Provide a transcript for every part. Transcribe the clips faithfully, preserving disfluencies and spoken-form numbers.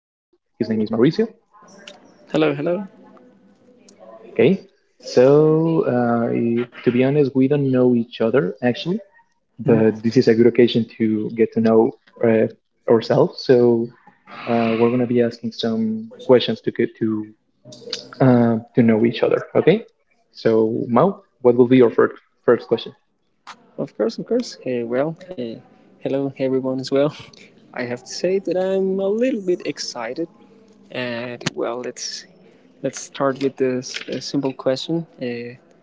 His name is Mauricio. Hello, hello. Okay, so uh, I- to be honest, we don't know each other actually, but this is a good occasion to get to know uh, ourselves. So uh, we're gonna be asking some questions to get to uh, to know each other. Okay, so Mao, what will be your first first question? Of course, of course. Hey, well, hey, hello, hey, everyone as well. I have to say that I'm a little bit excited, and well, let's let's start with this uh, simple question. Uh, uh,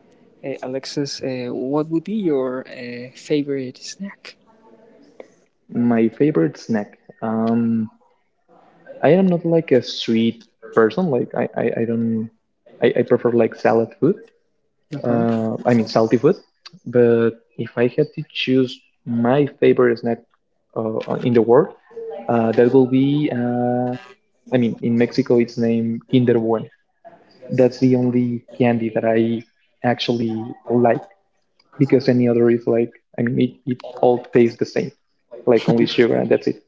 Alexis, uh, what would be your uh, favorite snack? My favorite snack. Um, I am not like a sweet person. Like I, I, I don't. I, I prefer like salad food. Uh-huh. Uh, I mean salty food. But if I had to choose my favorite snack uh, in the world, uh, that will be. Uh, I mean, in Mexico, it's named Kinder Bueno. That's the only candy that I actually like because any other is like. I mean, it, it all tastes the same, like only sugar, and that's it.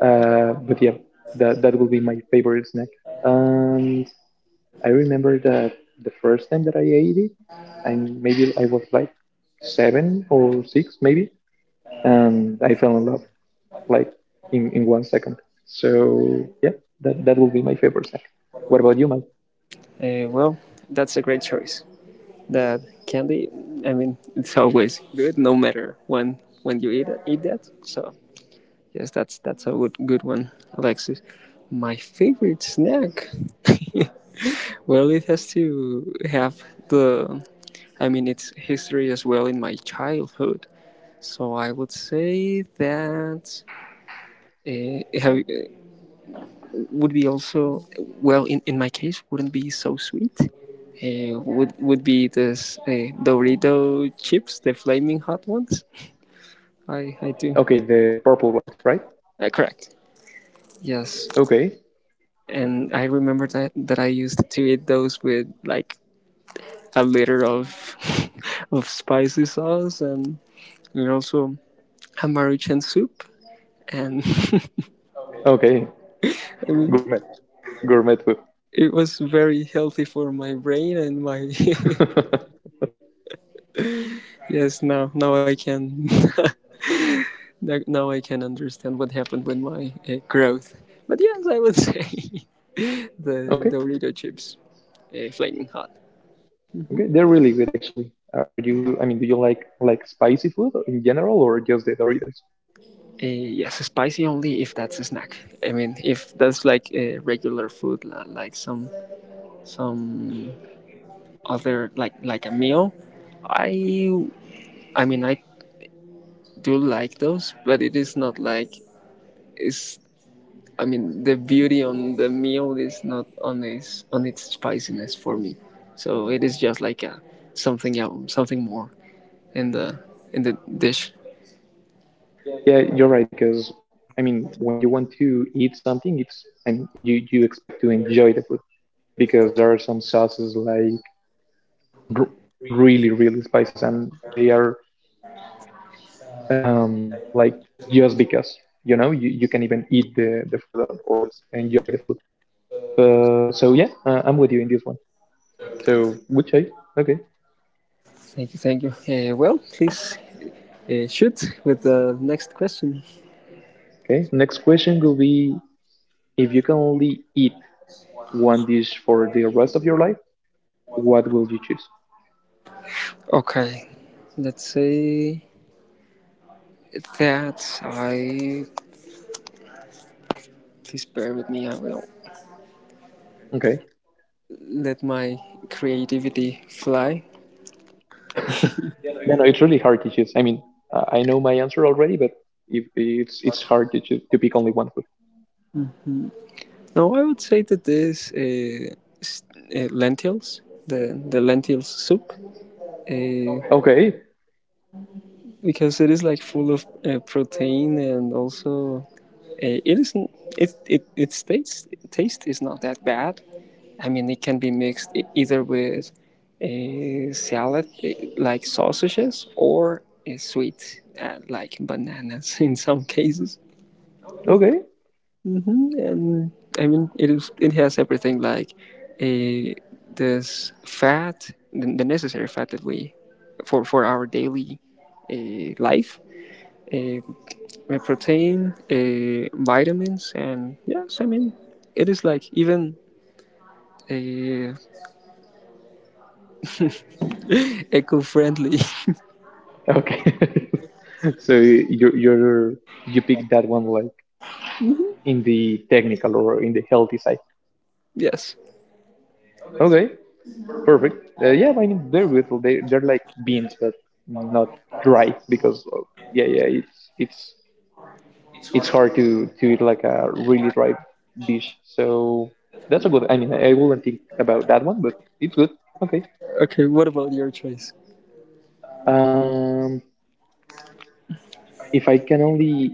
Uh, but yeah, that that will be my favorite snack. And I remember that the first time that I ate it, I maybe I was like seven or six maybe, and I fell in love like in in one second. So yeah, that that will be my favorite snack. What about you, Mike? Uh, well, that's a great choice. That candy, I mean, it's always good, no matter when when you eat eat that. So, yes, that's that's a good good one, Alexis. My favorite snack. Well, it has to have the. I mean, it's history as well in my childhood. So I would say that uh, it have, would be also well in, in my case wouldn't be so sweet. Uh, would would be this uh, Dorito chips, the flaming hot ones. I I do. Okay, the purple ones, right? Uh, correct. Yes. Okay, And I remember that that I used to eat those with like a liter of of spicy sauce and and also Maruchan soup, and okay, I mean gourmet, gourmet food. it was very healthy for my brain and my yes, now now I can now I can understand what happened with my uh, growth. But yes, I would say the Okay, Dorito chips, uh, flaming hot. okay, they're really good actually. Are, are you? I mean, do you like like spicy food in general, or just the Doritos? Uh, yes, spicy only if that's a snack. I mean, if that's like a regular food, like some some other like like a meal, I I mean I do like those, but it is not like it's. I mean, the beauty on the meal is not on its on its spiciness for me. So it is just like a something else, something more in the in the dish. Yeah, you're right because I mean, when you want to eat something, it's I mean, you you expect to enjoy the food because there are some sauces like r- really really spices and they are um like just because you know you, you can even eat the the food or, or enjoy the food. Uh, so yeah, uh, I'm with you in this one. So good choice. Okay. Thank you, thank you. Uh, well, please uh, shoot with the next question. Okay. Next question will be: if you can only eat one dish for the rest of your life, what will you choose? Okay, let's say that I. Please bear with me, I will Okay. let my creativity fly. Yeah, no, it's really hard to choose. I mean, uh, I know my answer already, but if it's it's hard to choose, to pick only one food. Now I would say that this uh, uh, lentils, the, the lentils soup, uh, Okay. because it is like full of uh, protein and also uh, it isn't it it its taste taste is not that bad. I mean, it can be mixed e- either with a salad, eh, like sausages, or a sweet, uh, like bananas in some cases. Okay. hmm And I mean, it is it has everything like a this fat, the necessary fat that we for for our daily uh, life. Uh, uh, Protein, uh, vitamins, and yes, I mean, it is like even uh, eco friendly. Okay. So you're you're you pick that one like in the technical or in the healthy side. Yes. Okay. Perfect. Uh, yeah, I mean they're good. They they're like beans, but not dry because uh, yeah yeah it's it's it's hard to to eat like a really dry dish. So that's a good. I mean, I wouldn't think about that one, but it's good. Okay. Okay, what about your choice? Um, if I can only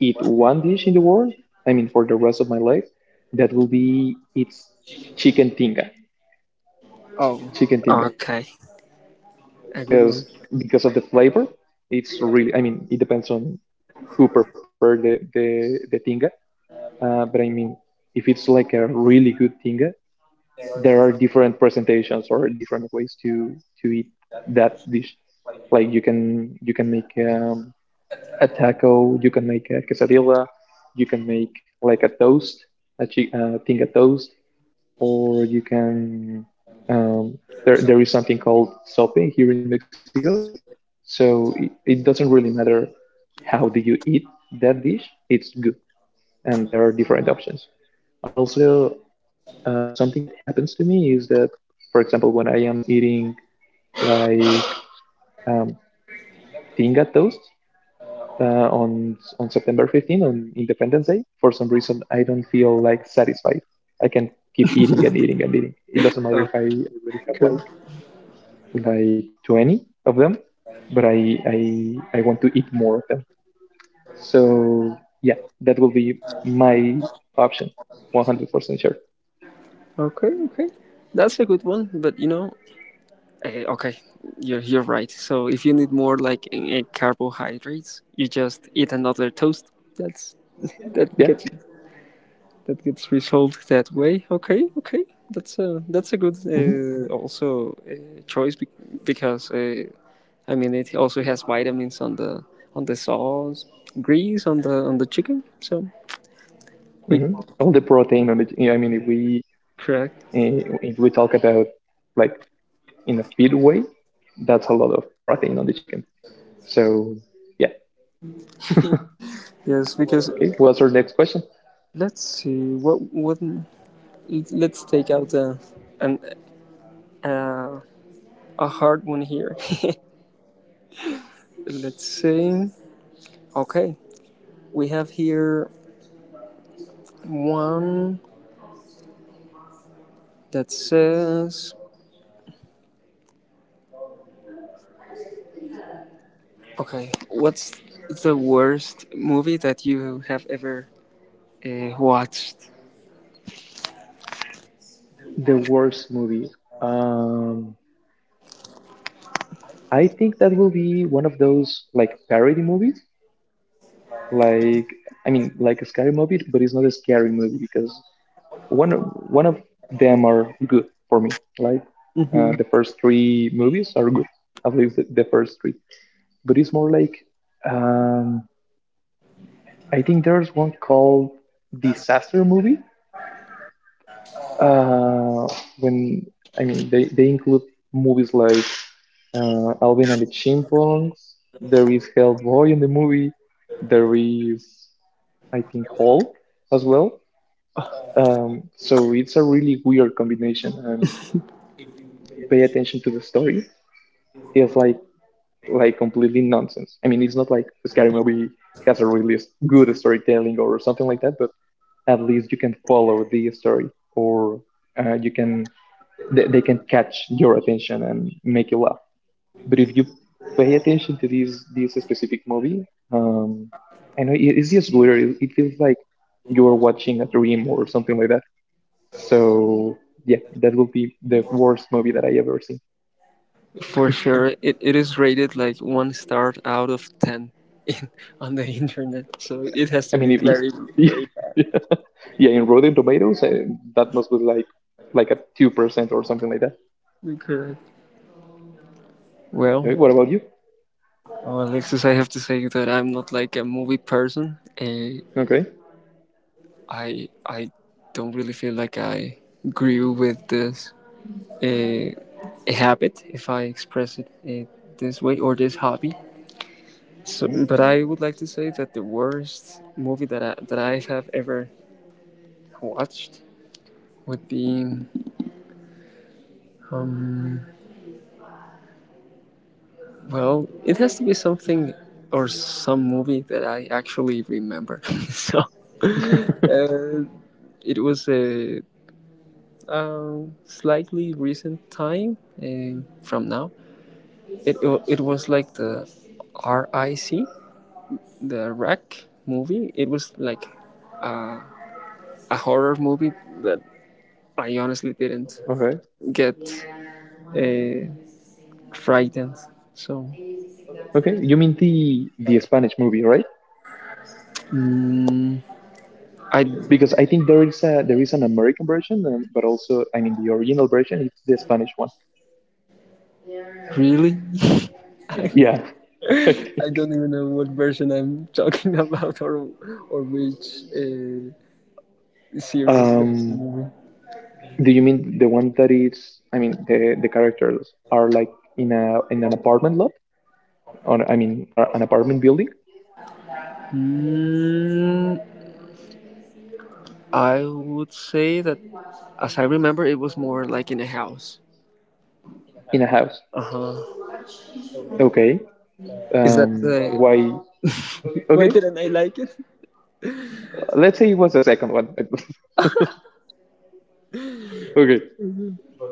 eat one dish in the world, I mean, for the rest of my life, that will be it's chicken tinga, Oh, chicken tinga, okay. A good because one. because of the flavor, it's really. I mean, it depends on who prepared the the the tinga, uh, but I mean, if it's like a really good tinga, there are different presentations or different ways to to eat that dish. Like you can you can make um, a taco, you can make a quesadilla, you can make like a toast, a chi- uh, thing a toast, or you can um, there there is something called sope here in Mexico. So it, it doesn't really matter how do you eat that dish; it's good, and there are different options. And also uh, something that happens to me is that, for example, when I am eating like um, tinga toast uh, on on September fifteenth on Independence Day, for some reason I don't feel like satisfied. I can keep eating and eating and eating. It doesn't matter if I already have Okay. like like twenty of them, but I I I want to eat more of them. So yeah, that will be my option, one hundred percent sure. Okay, okay. That's a good one, but you know, eh, okay, you're you're right. So if you need more like eh, carbohydrates, you just eat another toast. That's that Yeah. gets you. That gets resolved that way. Okay, okay, that's a that's a good hmm uh, also uh, choice be- because uh, I mean it also has vitamins on the on the sauce, grease on the on the chicken. So wait, hmm All the protein on the. I mean, if we correct? if we talk about like in a feed way, that's a lot of protein on the chicken. So yeah. Yes, because Okay, what's our next question? let's see what what let's take out a an uh, a hard one here. Let's see. Okay, we have here one that says, "Okay, what's the worst movie that you have ever uh, watched?" The worst movie. Um, I think that will be one of those like parody movies. Like I mean, like a scary movie, but it's not a scary movie because one one of them are good for me. Like uh, hmm the first three movies are good. At least the, the first three. But it's more like um, I think there's one called Disaster Movie. Uh, when I mean they, they include movies like uh, Alvin and the Chipmunks. There is Hellboy in the movie. There is I think Hulk as well. Um, so it's a really weird combination, and if you pay attention to the story, it's like like completely nonsense. I mean, it's not like Scary Movie has a really s- good storytelling or something like that, but at least you can follow the story or uh, you can they, they can catch your attention and make you laugh but if you pay attention to this this specific movie um I know it- it's just weird it, it feels like you're watching a dream or something like that so yeah that will be the worst movie that I ever seen For sure, it, it is rated like one star out of ten in, on the internet, so it has I to mean be if, very, if very bad. Yeah, in rotten tomatoes uh, that must be like like a two percent or something like that. Okay. Well, Okay, what about you, oh, Alexis, I have to say that I'm not like a movie person. Uh, okay. I I don't really feel like I grew with this uh, habit, if I express it uh, this way, or this hobby. So, but I would like to say that the worst movie that I, that I have ever watched would be, um, well, it has to be something or some movie that I actually remember. So, Mhm. uh, it was a uh, slightly recent time uh, from now. It it was like the R I C, the Rack movie. It was like a horror movie that I honestly didn't Okay. get uh, frightened. So Okay. You mean the the Spanish movie, right? mm, I Because I think there is a there is an American version, um, but also I mean the original version is the Spanish one. really I, Yeah. I I think. don't even know what version I'm talking about, or or which uh, series of the Um, movie. do you mean the one that is? I mean the the characters are like in a in an apartment lot, or I mean are an apartment building Mm, I would say that as I remember, it was more like in a house. in a house. Uh huh. Okay. Is that Um, the? Why? Why Okay. didn't I like it? Let's say it was the second one. Okay.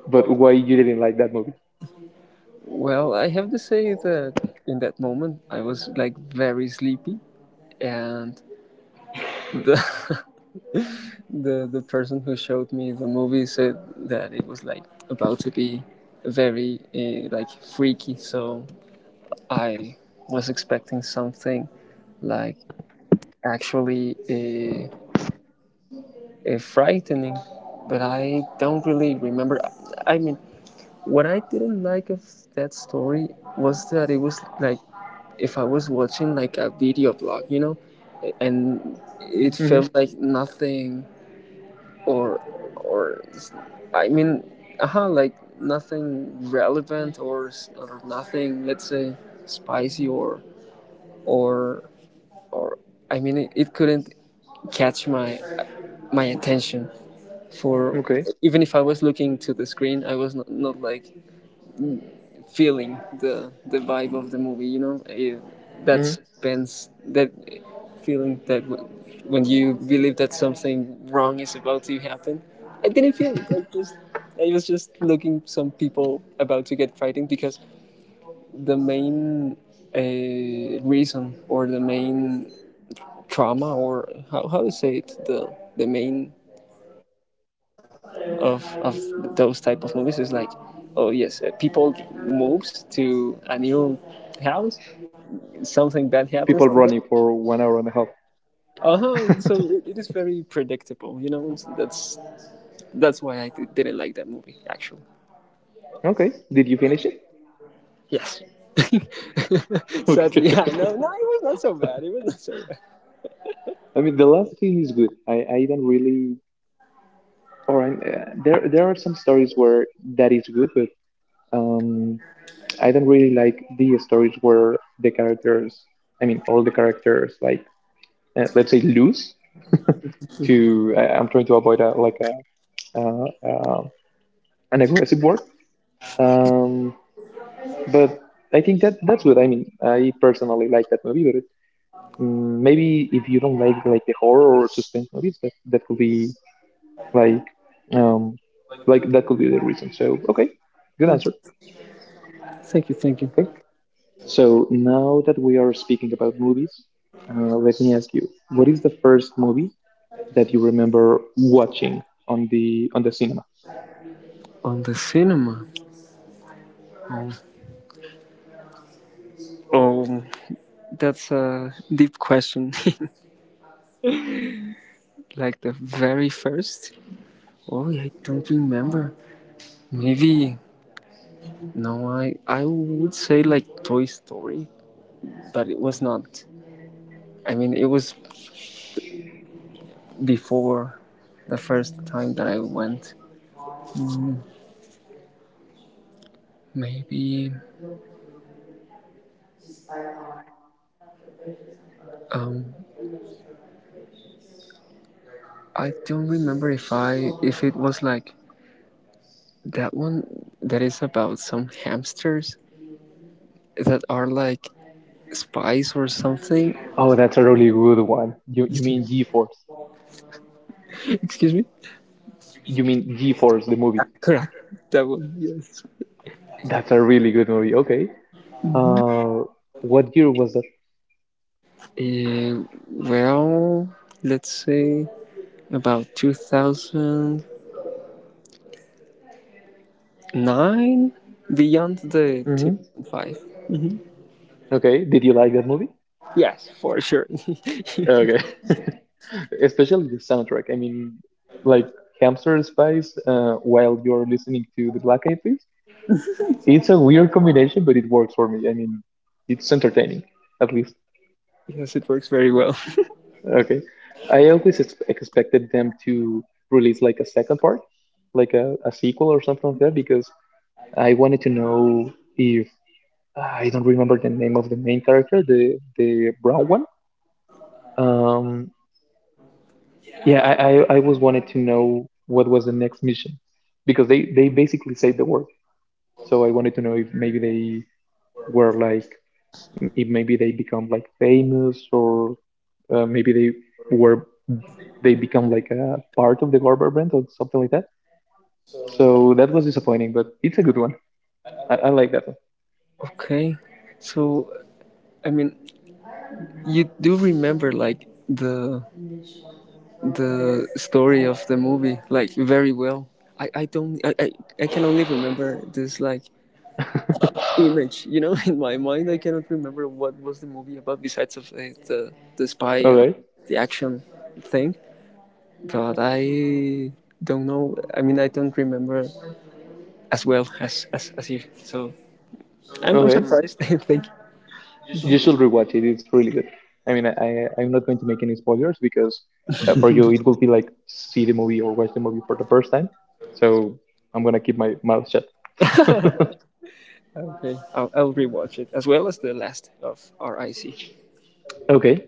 But why you didn't like that movie? Well, I have to say that in that moment I was like very sleepy, and the the the person who showed me the movie said that it was like about to be very uh, like freaky. So I was expecting something like actually uh, uh, frightening, but I don't really remember. I mean, what I didn't like of that story was that it was like if I was watching like a video blog, you know and it Mm-hmm. felt like nothing. Or or I mean, uh like nothing relevant, or or nothing. Let's say spicy, or or or I mean, it, it couldn't catch my my attention. For Okay. even if I was looking to the screen, I was not, not like feeling the the vibe of the movie. You know, It- that Mm-hmm. suspense, that feeling that w- when you believe that something wrong is about to happen. I didn't feel it. I just I was just looking some people about to get fighting, because the main uh, reason, or the main trauma, or how how to say it, the the main point of of those type of movies is like, "Oh yes, uh, people moves to a new house, something bad happens People to them." running for one hour and a half. Uh-huh. So it, it is very predictable, you know so that's that's why I d- didn't like that movie, actually. Okay. Did you finish it? Yes. Okay. Sadly, yeah. No, no, it was not so bad, it was not so bad. I mean, the last thing is good. I, I don't really. Or I'm, uh, there there are some stories where that is good, but um, I don't really like the stories where the characters. I mean, all the characters like uh, let's say lose to. I, I'm trying to avoid a, like a uh, uh, an aggressive word. Um, but I think that that's good. I mean, I personally like that movie, but it, mm, maybe if you don't like like the horror or suspense movies, that that could be like um like that could be the reason. So okay, good answer. Thank you, thank you. Okay. So now that we are speaking about movies, uh, let me ask you, what is the first movie that you remember watching on the on the cinema? On the cinema. Oh, oh that's a deep question. Like the very first. Oh, I don't remember. Maybe, no, I I would say like Toy Story, but it was not. I mean, it was before the first time that I went. Maybe um I don't remember if I if it was like that one that is about some hamsters that are like spies or something. Oh, that's a really good one. You you mean G-Force? Excuse me. You mean G-Force the movie? Correct. That one. Yes. That's a really good movie. Okay. Uh, what year was that? Uh, well, let's say about two thousand nine, beyond the Hmm two thousand five. Okay. Did you like that movie? Yes, for sure. Okay. Especially the soundtrack. I mean, like Hamster Spice uh, while you're listening to the Black Eyed Peas. It's a weird combination, but it works for me. I mean, it's entertaining, at least. Because it works very well. Okay. I always ex- expected them to release like a second part, like a, a sequel or something like that, because I wanted to know if I don't remember the name of the main character, the the brown one. Um, Yeah, I, I, I was wanted to know what was the next mission because they, they basically saved the world. So I wanted to know if maybe they were like, if maybe they become like famous or uh, maybe they were, they become like a part of the government or something like that. So that was disappointing, but it's a good one. I, I like that Okay, so I mean, you do remember like the the story of the movie like very well. I i don't. i i, I can only remember this like one. image, you know, in my mind I cannot remember what was the movie about, besides of the the, the spy All and right. the action thing. God, I don't know. I mean, I don't remember as well as as, as you. So I'm, I'm Okay. surprised. Thank you. You should rewatch it. It's really good. I mean, I, I I'm not going to make any spoilers because uh, for you it would be like see the movie or watch the movie for the first time. So I'm gonna keep my mouth shut. Okay, I'll, I'll rewatch it as well as the last of R I C. Okay.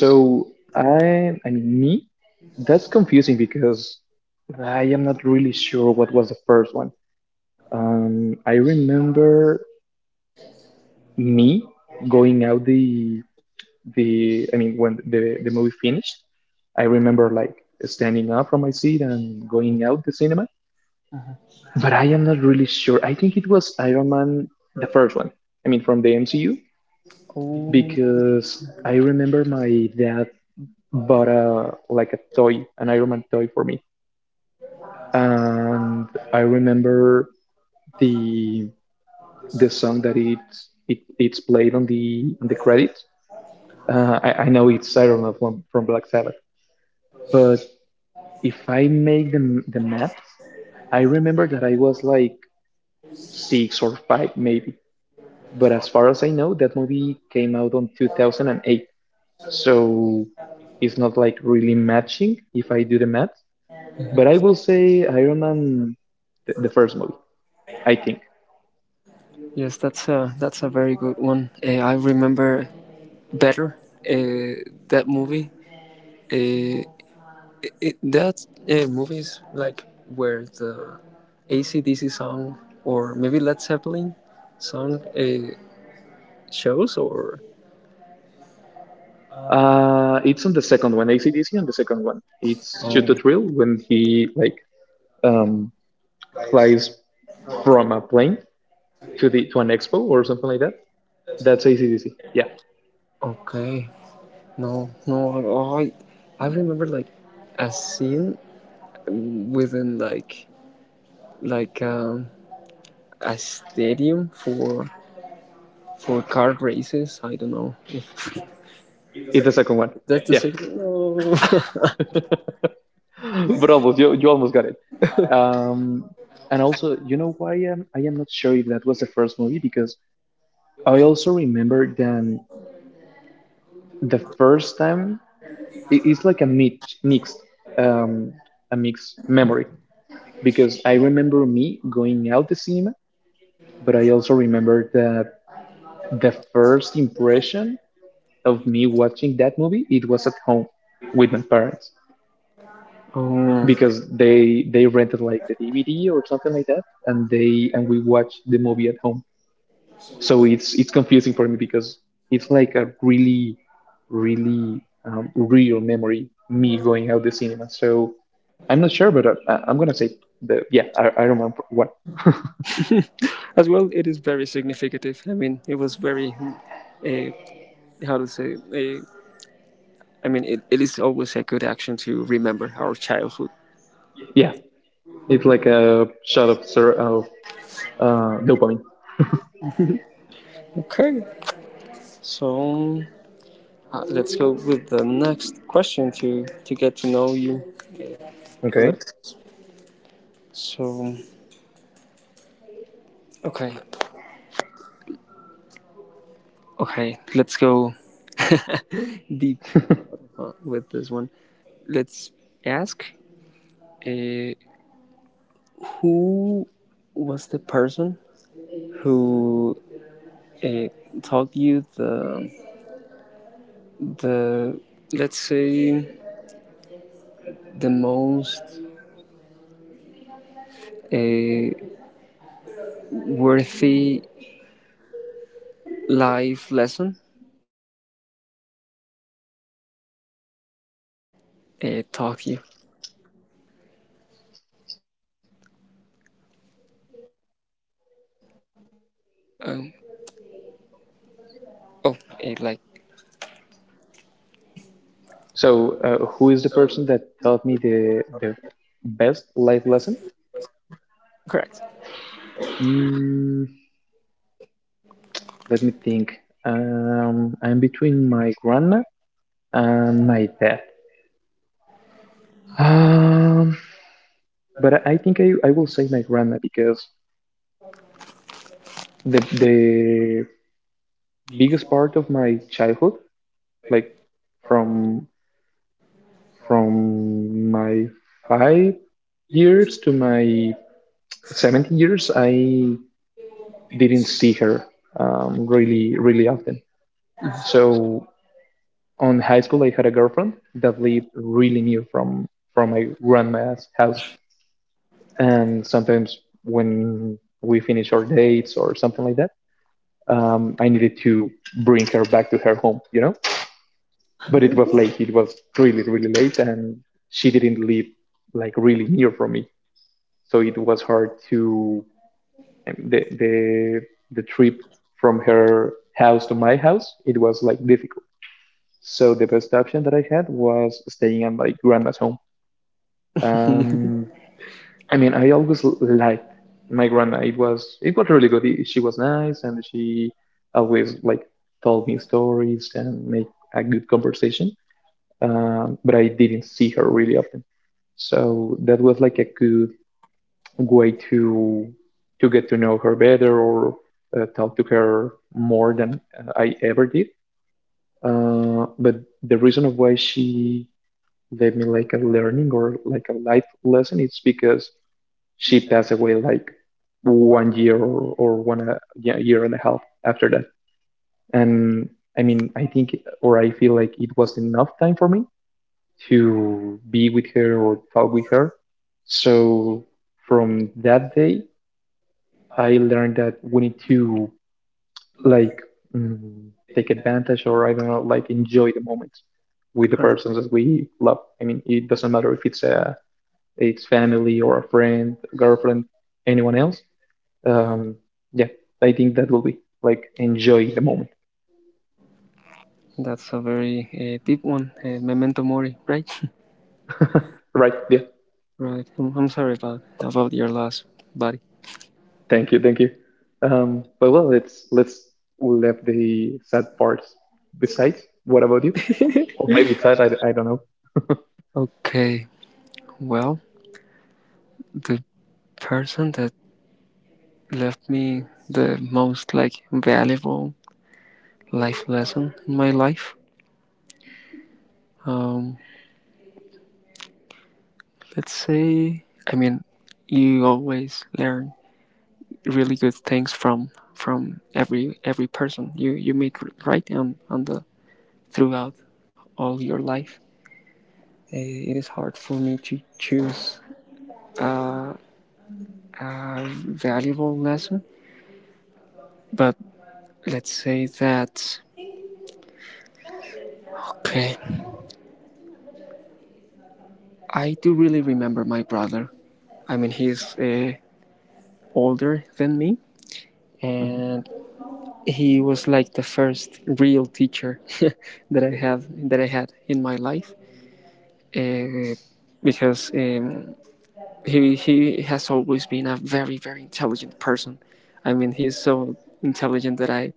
So I I mean me, that's confusing because I am not really sure what was the first one. Um, I remember me going out the the I mean when the the movie finished, I remember like standing up from my seat and going out the cinema. But I am not really sure. I think it was Iron Man the first one. I mean from the M C U Oh, because I remember my dad bought a like a toy, an Iron Man toy for me. And I remember the the song that it it it's played on the on the credits. Uh, I, I know it's Iron Man from, from Black Sabbath, but if I make the the math, I remember that I was like six or five maybe. But as far as I know, that movie came out on two thousand eight. So it's not like really matching if I do the math. But I will say Iron Man, the, the first movie, I think. yes, that's a that's a very good one. Uh, I remember better uh, that movie. Uh, it, that uh, movie like where the A C D C song, or maybe Led Zeppelin song, uh, shows or. Uh, it's on the second one, A C D C on the second one. It's Shoot Oh, to Thrill when he like um, flies from a plane to the to an expo or something like that. That's A C D C. Yeah. okay. No, no, I, I remember like a scene within like like um, a stadium for for car races. I don't know if It's the second one. that's the Yeah, signal. No. but almost you, you almost got it. Um, and also, you know why um, I am not sure if that was the first movie because I also remember then the first time it- it's like a mix, mixed um, a mixed memory because I remember me going out the cinema, but I also remember that the first impression of me watching that movie it was at home with my parents Um, because they they rented like the D V D or something like that, and they and we watched the movie at home. So it's it's confusing for me because it's like a really, really um, real memory me going out the cinema. So I'm not sure, but uh, I, I'm gonna say the yeah I, I remember what. as well, it is very significative. I mean, it was very uh, how to say. Uh, I mean, it, it is always a good action to remember our childhood. Yeah, it's like a shot of ser- of uh, dopamine. Okay, so uh, let's go with the next question to to get to know you, Okay, Alex. So okay, okay, let's go deep uh, with this one. Let's ask, uh, who was the person who uh, taught you the the, let's say, the most uh, worthy life lesson, and what was the life lesson that they uh, taught you? Um, oh, uh, like so uh, who is the person that taught me the the best life lesson? correct, Mm. Let me think. Um, I'm between my grandma and my dad. Um, but I think I, I will say my grandma because the the biggest part of my childhood, like from from my five years to my seventeen years, I didn't see her um, really really often. So on high school, I had a girlfriend that lived really near from from my grandma's house. And sometimes when we finish our dates or something like that, um, I needed to bring her back to her home, you know, but it was late, it was really really late, and she didn't live like really near from me, so it was hard to, um, the the, the trip from her house to my house it was like difficult. So the best option that I had was staying at my grandma's home. um, I mean, I always l- liked my grandma. It was it was really good. I- She was nice, and she always like told me stories and make a good conversation. Um, but I didn't see her really often, so that was like a good way to to get to know her better or uh, talk to her more than uh, I ever did. Uh, but the reason of why she gave me like a learning or like a life lesson is because she passed away like one year or, or one uh, yeah, year and a half after that. And I mean, I think or I feel like it was enough time for me to be with her or talk with her. So from that day, I learned that we need to, like, mm, take advantage, or I don't know, like enjoy the moment with the correct. persons that we love. I mean, it doesn't matter if it's uh, a it's family or a friend, girlfriend, anyone else. um, yeah, I think that will be like enjoy the moment, That's a very uh, deep one. Uh, memento mori, right? right? Yeah, Right. I'm, I'm sorry about about your loss, buddy. thank you, thank you. Um, but well, let's let's leave the sad parts besides. What about you? Or maybe sad. I, I don't know. Okay. Well, the person that left me the most, like, valuable life lesson in my life. Um, let's say. I mean, you always learn really good things from from every every person you you meet, right? On on the throughout all your life. Uh, it is hard for me to choose a valuable lesson. But let's say that, okay, I do really remember my brother. I mean, he's uh, older than me, Mhm, and he was like the first real teacher that I have that I had in my life, uh, because um, he he has always been a very, very intelligent person. I mean, he's so intelligent that I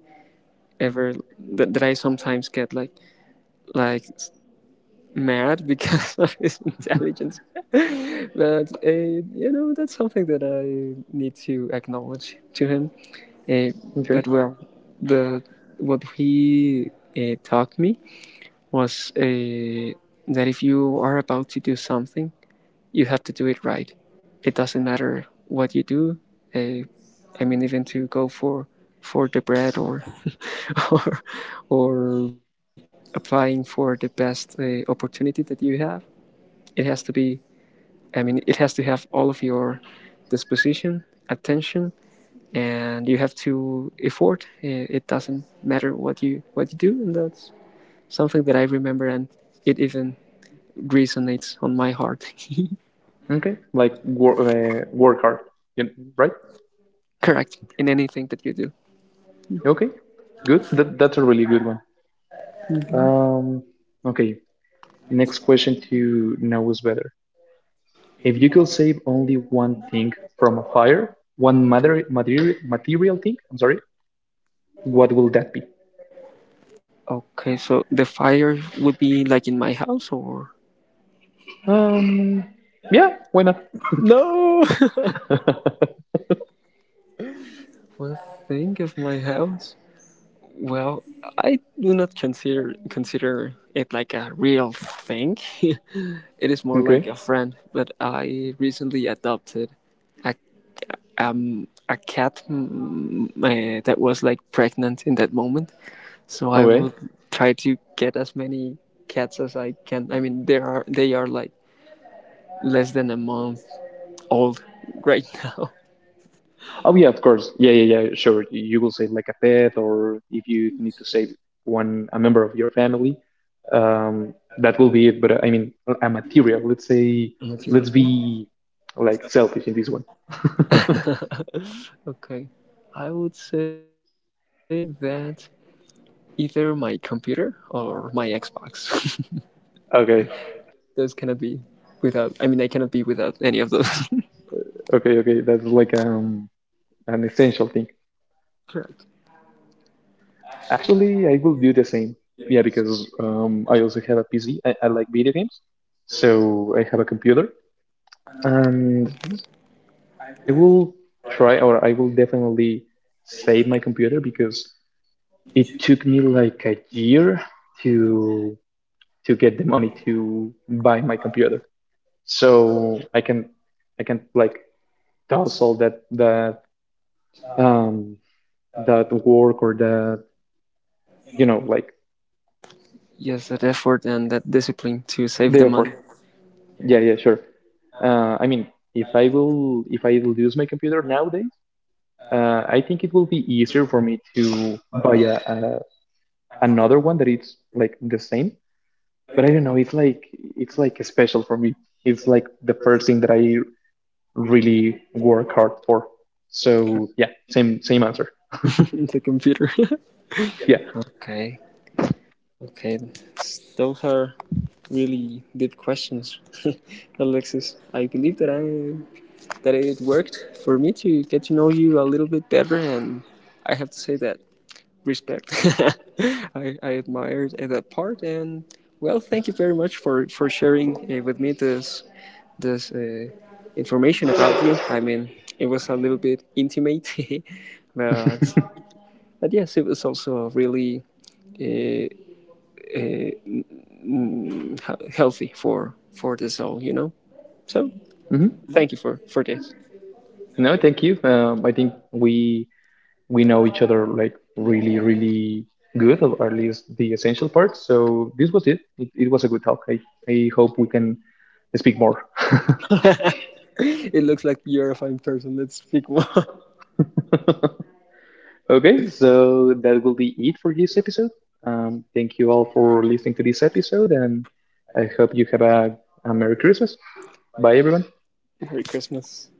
ever mhm. that, that I sometimes get like like mad because of his intelligence. But uh, you know, that's something that I need to acknowledge to him. Uh, Okay, but well, the what he uh, taught me was uh, that if you are about to do something, you have to do it right. It doesn't matter what you do. Uh, I mean, even to go for for the bread, or or or applying for the best uh, opportunity that you have, it has to be. I mean, it has to have all of your disposition, attention, and you have to effort. Eh, it doesn't matter what you what you do, and that's something that I remember, and it even resonates on my heart. okay. Like work, uh, work hard, you know, right? Correct, in anything that you do. Okay, good. That that's a really good one. Um, okay. Next question to now is better. If you could save only one thing from a fire, one mater- material material thing, I'm sorry, what will that be? Okay, so the fire would be like in my house or? Um, yeah, why not? No. Okay, One thing of my house? Well, I do not consider consider it like a real thing. It is more like a friend, but I recently adopted a um a cat, mm, uh, that was like pregnant in that moment. So I okay. will try to get as many cats as I can. I mean, there are they are like less than a month old right now. Oh yeah, of course. Yeah, yeah, yeah. Sure, you will save like a pet, or if you need to save one a member of your family, um, that will be it. But uh, I mean, a a material. Let's say, And what's your let's thing? be like selfish in this one. Okay. I would say that either my computer or my Xbox. Okay, Those cannot be without, I mean, I cannot be without any of those. okay, okay. That's like, um an essential thing. Correct. Actually, I will do the same. Yeah, because um, I also have a P C. I, I like video games, so I have a computer, and I will try, or I will definitely save my computer because it took me like a year to to get the money to buy my computer. So I can I can like toss all that that um that work or that, you know, like Yes, that effort and that discipline to save the the effort. money. Yeah, yeah, sure. Uh, I mean, if I will, if I will use my computer nowadays, uh, I think it will be easier for me to buy a, a, another one that it's like the same. But I don't know. It's like it's like special for me. It's like the first thing that I really work hard for. So yeah, same same answer. In the computer. Yeah. Okay. Okay. Those are really deep questions, Alexis. I believe that I that it worked for me to get to know you a little bit better, and I have to say that, respect. I I admired that part, and well, thank you very much for for sharing uh, with me this this uh, information about you. I mean, it was a little bit intimate, but but yes, it was also really uh, uh, mm, healthy for for the soul, you know. So Hmm. thank you for for this. No, thank you. Um, I think we we know each other like really, really good, or at least the essential parts. So this was it. It, it was a good talk. I, I hope we can speak more. It looks like you're a fine person. Let's speak more. Okay, so that will be it for this episode. Um, thank you all for listening to this episode, and I hope you have a, a Merry Christmas. Bye, everyone. Merry Christmas.